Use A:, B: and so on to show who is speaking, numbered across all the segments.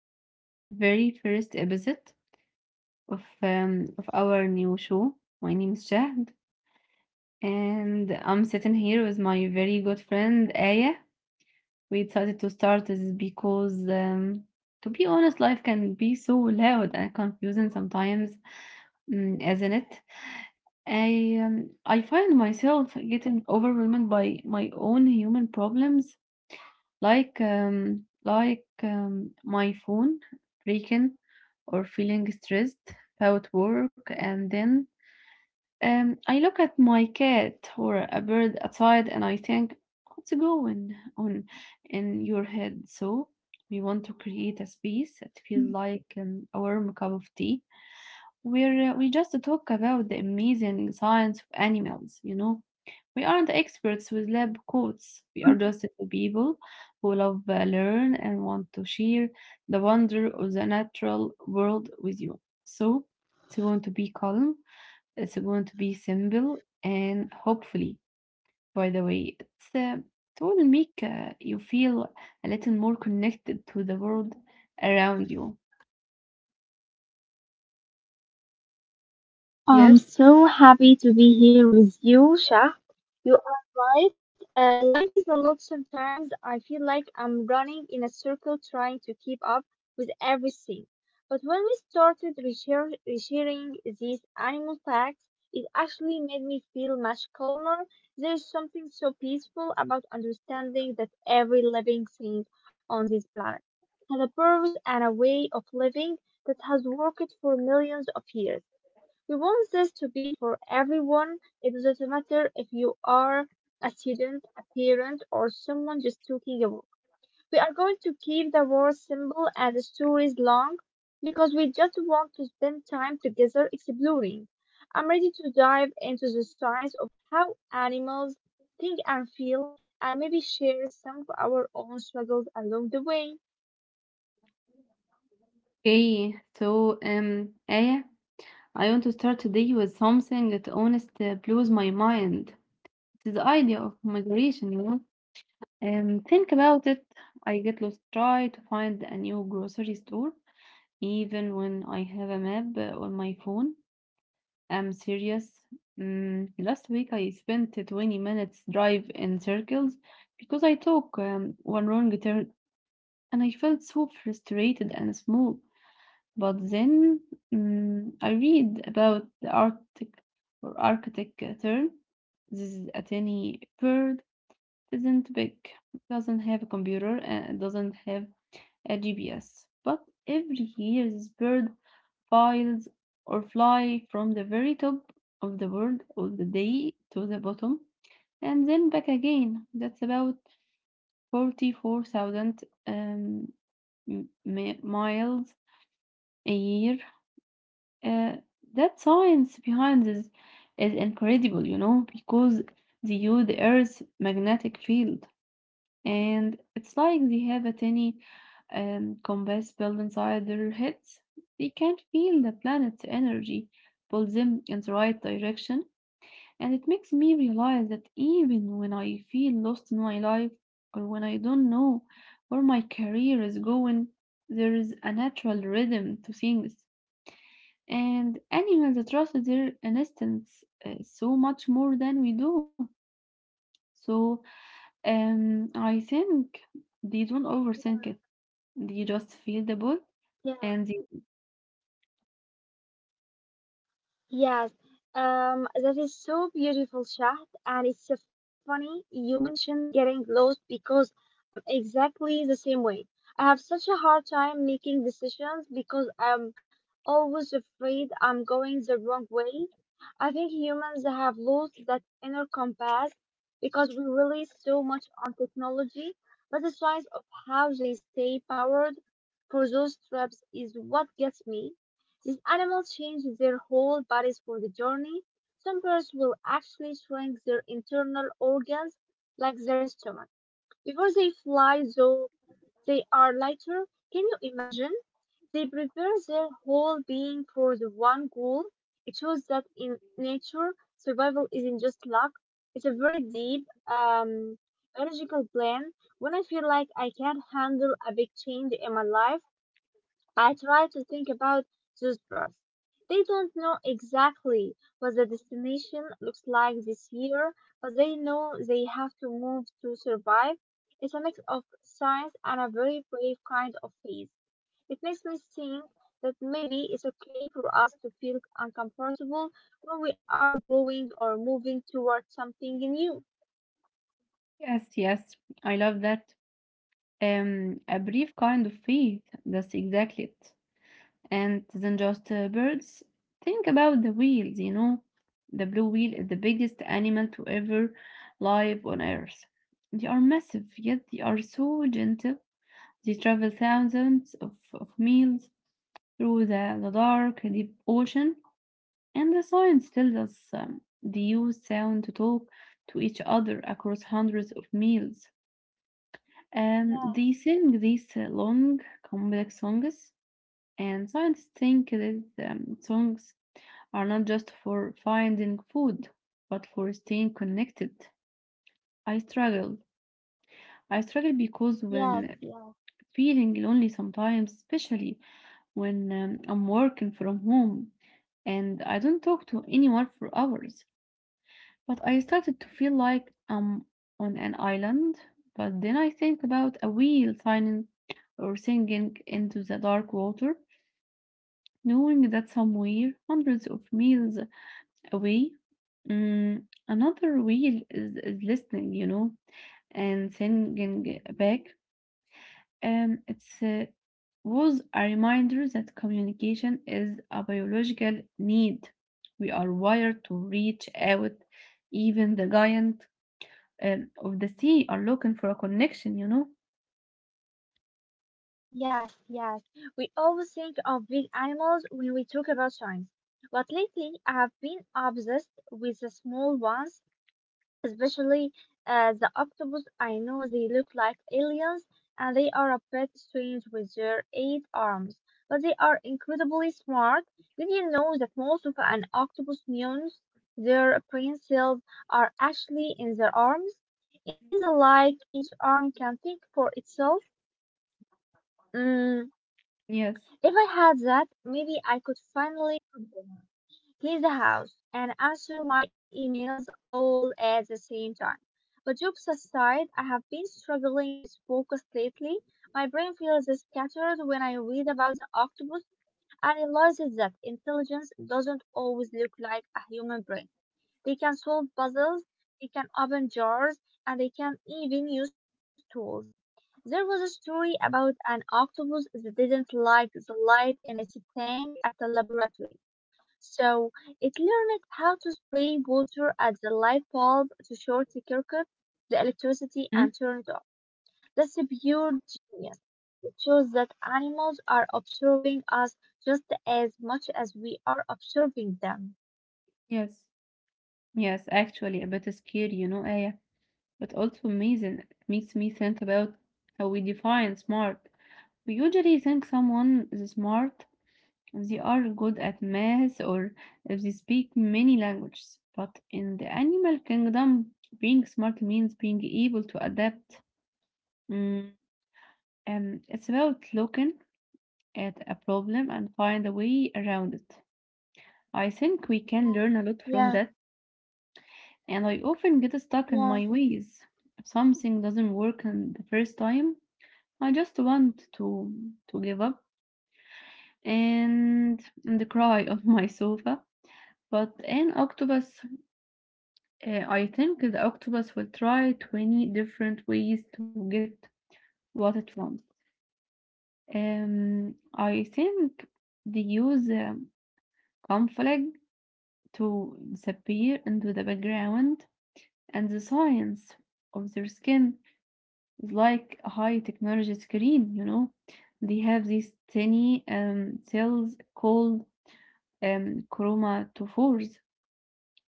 A: to the very first episode of our new show. My name is Shahd, and I'm sitting here with my very good friend Aya. We decided to start this because, to be honest, life can be so loud and confusing sometimes, isn't it? I find myself getting overwhelmed by my own human problems like my phone breaking or feeling stressed about work and then I look at my cat or a bird outside and I think what's going on in your head. So we want to create a space that feels like a warm cup of tea where we just talk about the amazing science of animals, you know. We aren't experts with lab coats. We are just two people who love learn and want to share the wonder of the natural world with you. So it's going to be calm. It's going to be simple, and hopefully, by the way, it will make you feel a little more connected to the world around you.
B: I'm
A: Yes.
B: so happy to be here with you, Shah. You are right. Life is a lot sometimes. I feel like I'm running in a circle trying to keep up with everything. But when we started researching these animal facts, it actually made me feel much calmer. There's something so peaceful about understanding that every living thing on this planet has a purpose and a way of living that has worked for millions of years. He wants this to be for everyone. It doesn't matter if you are a student, a parent, or someone just taking a walk. We are going to keep the words simple and the stories long because we just want to spend time together exploring. I'm ready to dive into the science of how animals think and feel and maybe share some of our own struggles along the way.
A: Okay, so Aya, I want to start today with something that honestly blows my mind. To the idea of migration, you know. And think about it. I get lost, try to find a new grocery store, even when I have a map on my phone. I'm serious. Mm, last week I spent 20 minutes drive in circles because I took one wrong turn and I felt so frustrated and small. But then, mm, I read about the Arctic tern. This is a tiny bird, isn't big, doesn't have a computer, and doesn't have a GPS. But every year, this bird flies or fly from the very top of the world of the day to the bottom and then back again. That's about 44,000, um, miles a year. Uh, that science behind this is incredible, you know, because they use the Earth's magnetic field and it's like they have a tiny, compass built inside their heads. They can feel the planet's energy pull them in the right direction, and it makes me realize that even when I feel lost in my life or when I don't know where my career is going, there is a natural rhythm to things. And animals trust their instincts, so much more than we do. So,
B: Yes.
A: I think they don't overthink it. You just feel the ball and the,
B: Yes, that is so beautiful, Shahd, and it's so funny you mentioned getting lost because I'm exactly the same way. I have such a hard time making decisions because I'm always afraid I'm going the wrong way. I think humans have lost that inner compass because we rely so much on technology, but the science of how they stay powered for those trips is what gets me. These animals change their whole bodies for the journey. Some birds will actually shrink their internal organs, like their stomach. Before they fly, though, they are lighter. Can you imagine? They prepare their whole being for the one goal. It shows that in nature, survival isn't just luck. It's a very deep, biological plan. When I feel like I can't handle a big change in my life, I try to think about those birds. They don't know exactly what the destination looks like this year, but they know they have to move to survive. It's a mix of science and a very brave kind of faith. It makes me think that maybe it's okay for us to feel uncomfortable when we are growing or moving towards something new.
A: yes, yes, I love that. A brief kind of faith. That's exactly it. And then just, birds. Think about the wheels. You know, the blue wheel is the biggest animal to ever live on Earth. They are massive, yet they are so gentle. They travel thousands of miles through the dark, deep ocean. And the science tells us, they use sound to talk to each other across hundreds of miles.
B: Yeah,
A: They sing these, long, complex songs, and scientists think that, songs are not just for finding food, but for staying connected. I struggle. I struggle because
B: yes,
A: when
B: yes.
A: feeling lonely sometimes, especially when, I'm working from home and I don't talk to anyone for hours. But I started to feel like I'm on an island. But then I think about a wheel signing or sinking into the dark water, knowing that somewhere, hundreds of miles away, mm, another wheel is listening, you know, and singing back. It's Was a reminder that communication is a biological need. We are wired to reach out, even the giant and of the sea are looking for a connection, you know?
B: Yes, yes. We always think of big animals when we talk about science. But lately, I have been obsessed with the small ones, especially the octopus. I know they look like aliens and they are a bit strange with their eight arms, but they are incredibly smart. Did you know that most of an octopus neurons, their brain cells, are actually in their arms? In the light, each arm can think for itself. Mm,
A: Yes.
B: if I had that, maybe I could finally heat the house and answer my emails all at the same time. But jobs aside, I have been struggling with focus lately. My brain feels scattered when I read about the octopus and realizes that intelligence doesn't always look like a human brain. They can solve puzzles, they can open jars, and they can even use tools. There was a story about an octopus that didn't like the light in its tank at the laboratory, so it learned how to spray water at the light bulb to short circuit the electricity
A: Hmm?
B: and turn it off. That's a pure genius. It shows that animals are observing us just as much as we are observing them.
A: Yes, yes, actually a bit scary, you know, Aya, but also amazing. It makes me think about how we define smart. We usually think someone is smart if they are good at math or if they speak many languages. But in the animal kingdom, being smart means being able to adapt. Mm, and it's about looking at a problem and find a way around it. I think we can
B: Yeah,
A: learn a lot from
B: yeah,
A: that, and I often get stuck in
B: yeah.
A: my ways. If something doesn't work in the first time, I just want to give up and the cry of my sofa. But an octopus, I think the octopus will try 20 different ways to get what it wants. I think they use, conflict to disappear into the background, and the science of their skin is like a high technology screen, you know. They have these tiny, cells called, chromatophores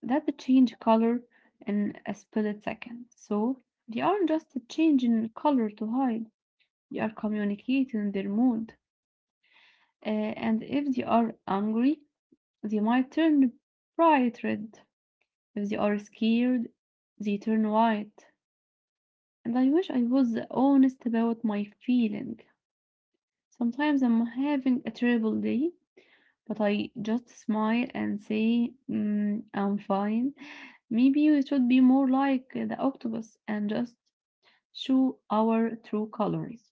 A: that change color in a split second. So they aren't just changing color to hide, they are communicating their mood. And if they are angry, they might turn bright red. If they are scared, they turn white. And I wish I was honest about my feeling. Sometimes I'm having a terrible day, but I just smile and say, mm, I'm fine. Maybe we should be more like the octopus and just show our true colors.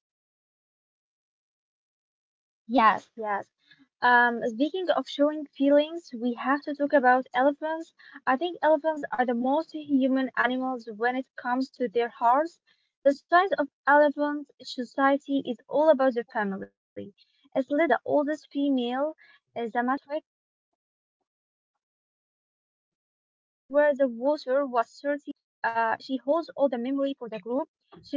B: Yes, yes. Speaking of showing feelings, we have to talk about elephants. I think elephants are the most human animals when it comes to their hearts. The size of elephant society is all about the family. It's led by the oldest female, the matriarch. She holds all the memory for the group. She knows where the water was 30 years ago during the dry season.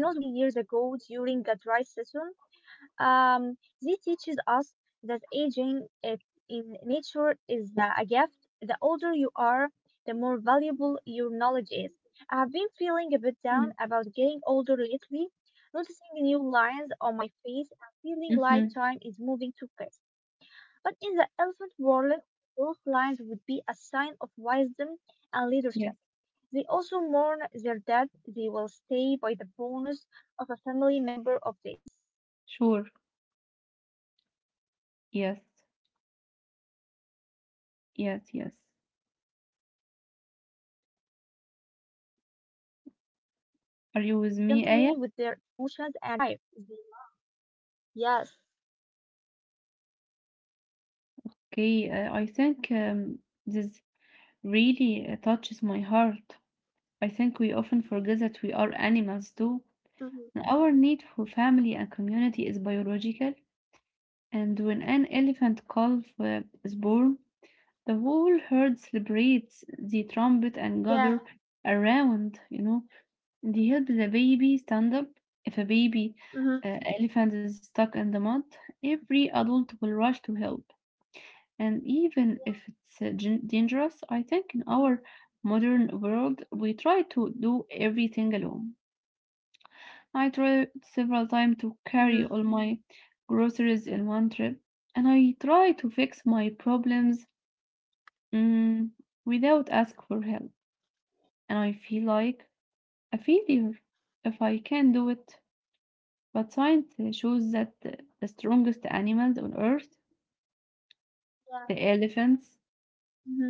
B: Um, this teaches us that aging it in nature is a gift. The older you are, the more valuable your knowledge is. I have been feeling a bit down about getting older lately, noticing new lines on my face and feeling like time is moving too fast.
A: Mm-hmm.
B: But in the elephant world, those lines would be a sign of wisdom and leadership. They
A: Yes,
B: also mourn their dead, they will stay by the bonus of a family member of days, touching them
A: sure.
B: gently with their trunks. It is a
A: Yes,
B: scientific fact that they have a
A: yes,
B: huge
A: yes.
B: hippocampus, the part of the brain for emotions and
A: Are you
B: memory.
A: with me,
B: They
A: Aya?
B: don't just survive. They, yes.
A: Okay, I think, this really, touches my heart. I think we often forget that we are animals too.
B: Hmm.
A: And our need for family and community is biological, and when an elephant calf, is born, the whole herd celebrates the trumpet and
B: Yeah.
A: gather around, you know. They help the baby stand up. If a baby,
B: Hmm.
A: elephant is stuck in the mud, every adult will rush to help. And even if it's, dangerous, I think in
B: Hmm.
A: our modern world, we try to do everything alone. I tried several times to
B: Hmm.
A: carry all my groceries in one trip, and I try to fix my problems, mm, without ask for help. And I feel like a failure if I can't do it. But science shows that the strongest animals on Earth,
B: Yeah.
A: the elephants,
B: Hmm.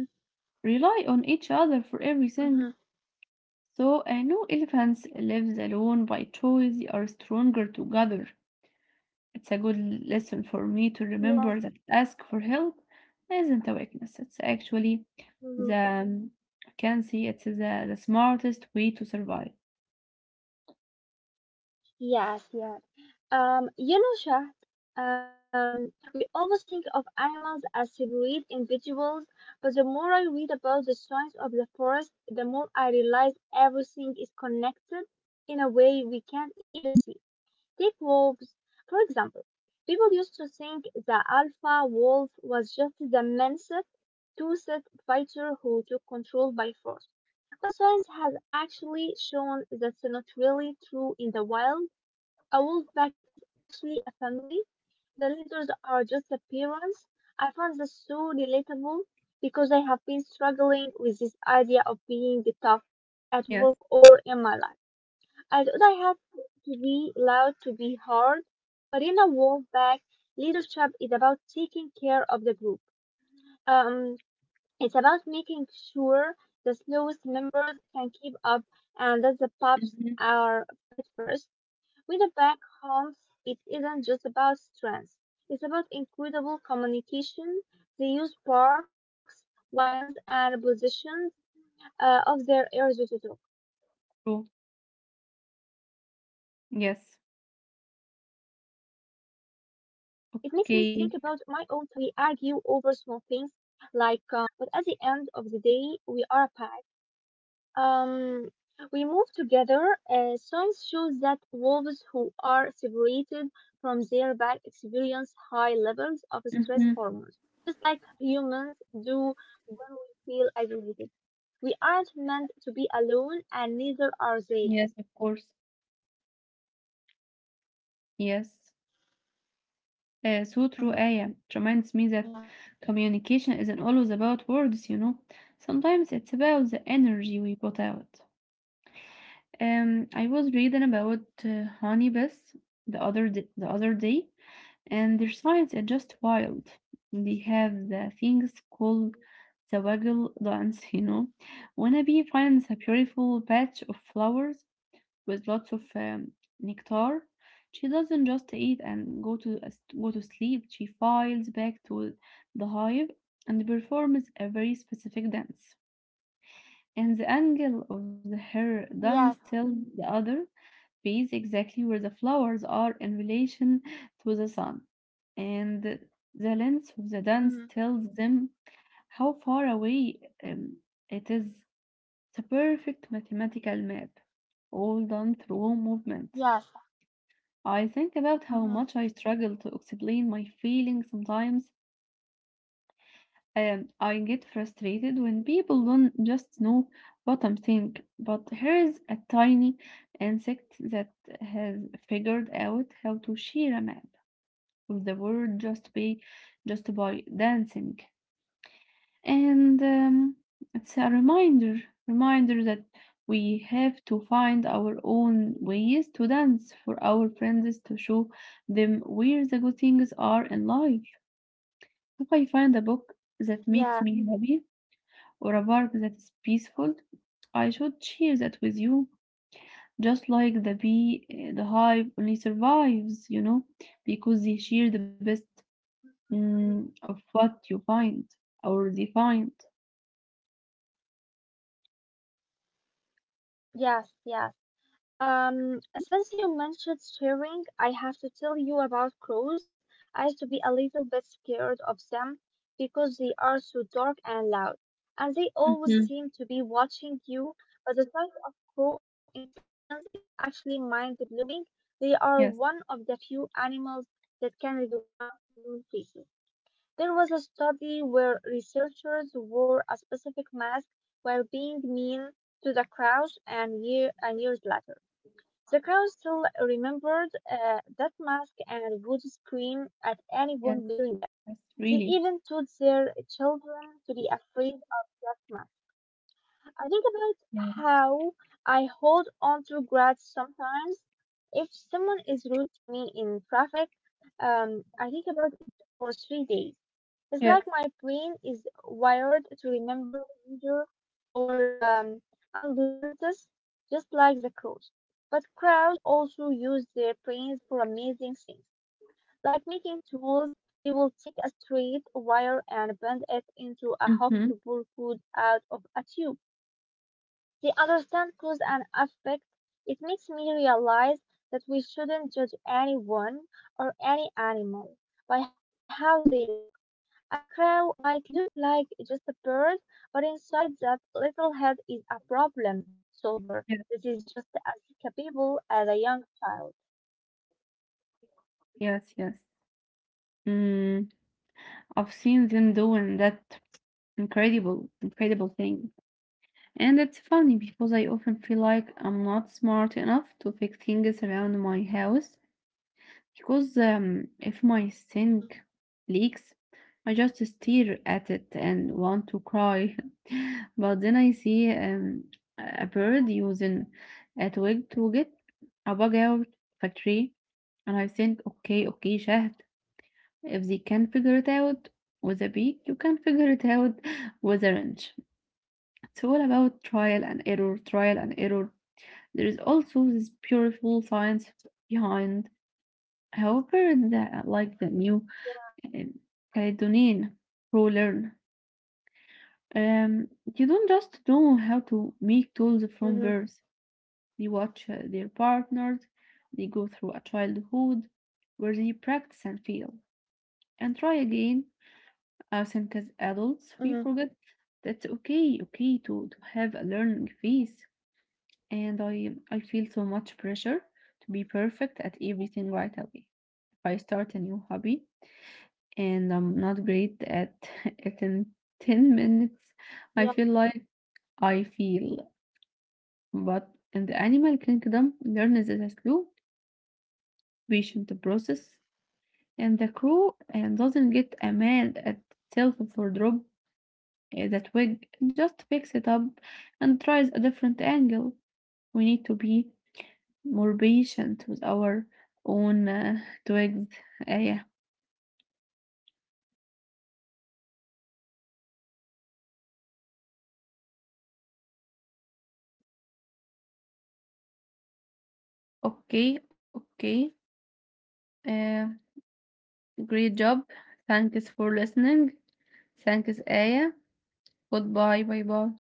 A: rely on each other for
B: Hmm.
A: everything. So, no elephants lives alone by choice. They are stronger together. It's a good lesson for me to
B: Yes.
A: remember that ask for help isn't a weakness. It's actually the,
B: Hmm.
A: um, I can see it's the smartest way to survive.
B: Yes. Yes. You know, Shah, um, we always think of animals as separate individuals, but the more I read about the science of the forest, the more I realize everything is connected in a way we can't even see. Take wolves, for example. People used to think the alpha wolf was just the menaced, toothed fighter who took control by force. But science has actually shown that's not really true. In the wild, a wolf pack is actually a family. The leaders are just appearance. I find this so relatable because I have been struggling with this idea of being tough at work
A: Yes.
B: or in my life. I thought I had to be loud to be hard, but in a wolf pack, leadership is about taking care of the group. Um, it's about making sure the slowest members can keep up and that the pups
A: Mhm.
B: are fed first. With a back home, it isn't just about strength. It's about incredible communication. They use parks, wines, and positions of their area to talk. It makes me
A: True.
B: think about my own family.
A: Yes.
B: Sometimes we argue over small things, like
A: Okay.
B: who didn't wash the dishes, but at the end of the day, we are a pack. Um, we move together. Science shows that wolves who are separated from their pack experience high levels of stress hormones,
A: Mhm.
B: just like humans do when we feel isolated. We aren't meant to be alone, and neither are
A: Yes,
B: they.
A: of course. Yes. So
B: Mm-hmm.
A: true, Aya. It reminds me
B: Yeah.
A: that communication isn't always about words, you know. Sometimes it's about the energy we put out. I was reading about, honeybees the other day, and their science is just wild. They have the things called the waggle dance, you know. When a bee finds a beautiful patch of flowers, with lots of, nectar. She doesn't just eat and go to sleep. She files back to the hive and performs a very specific dance. And the angle of the her
B: Yes.
A: dance tells the other bees exactly where the flowers are in relation to the sun. And the length of the dance
B: Mm-hmm.
A: tells them how far away, it is. It's a perfect mathematical map, all done through movement.
B: Yes.
A: I think about how
B: Mm-hmm.
A: much I struggle to explain my feelings sometimes, and I get frustrated when people don't just know what I'm thinking. But here's a tiny insect that has figured out how to share a map with the world just by dancing. And, it's a reminder that we have to find our own ways to dance for our friends to show them where the good things are in life. If I find a book that makes
B: Yes,
A: me happy or a park that is peaceful, I should share that with you. Just like the bee, the hive only survives, you know, because they share the best, mm, of what you find or they find.
B: yes, yes. Since you mentioned steering, I have to tell you about crows. I used to be a little bit scared of them because they are so dark and loud, and they always
A: Hmm.
B: seem to be watching you. But the sight of crow intelligence is actually mind-blowing. They are
A: Yes.
B: one of the few animals that can recognize human faces. There was a study where researchers wore a specific mask while being mean to the crows, and year and years later, the crowd still remembered that mask and would scream at anyone
A: Yes,
B: wearing it.
A: yes,
B: They
A: really.
B: even taught their children to be afraid of that mask. I think about
A: Mm.
B: how I hold on to grudges sometimes. If someone is rude to me in traffic, I think about it for 3 days. It's like
A: Yes.
B: my brain is wired to remember danger or unpleasantness, just like the crows. But crows also use their brains for amazing things, like making tools. They will take a straight wire and bend it into a
A: Mm-hmm.
B: hook to pull food out of a tube. They understand cause and effect. It makes me realize that we shouldn't judge anyone or any animal by how they look. A crow might look like just a bird, but inside that little head is a problem solver that
A: Yes,
B: is just as capable as a young child.
A: yes, yes. Mm, I've seen them doing that incredible thing. And it's funny because I often feel like I'm not smart enough to fix things around my house because, if my
B: Mm-hmm.
A: sink leaks, I just stare at it and want to cry. But then I see, a bird using a twig to get a bug out of a tree. And I think, okay, Shahd, if they can figure it out with a beak, you can figure it out with a wrench. It's all about trial and error. There is also this beautiful science behind, however, the like the new,
B: Yeah.
A: uh, Caledonian pro learn. Um, you don't just know how to make tools from
B: Mm-hmm.
A: birth. They watch, their partners, they go through a childhood where they practice and fail and try again. I think as adults, we
B: Mm-hmm.
A: forget that's okay to have a learning phase. And I feel so much pressure to be perfect at everything right away. If I start a new hobby and I'm not great at
B: Yeah.
A: it in 10 minutes, I feel like I feel. But in the animal kingdom, learn is a slow, patient process, and the crew and doesn't get mad at itself for that wig, just picks it up and tries a different angle.
B: Yeah.
A: We need to be more patient with our own, twigs. Yeah. Okay. Uh, Great job. Thanks for listening. Thanks, Aya. Goodbye, bye bye.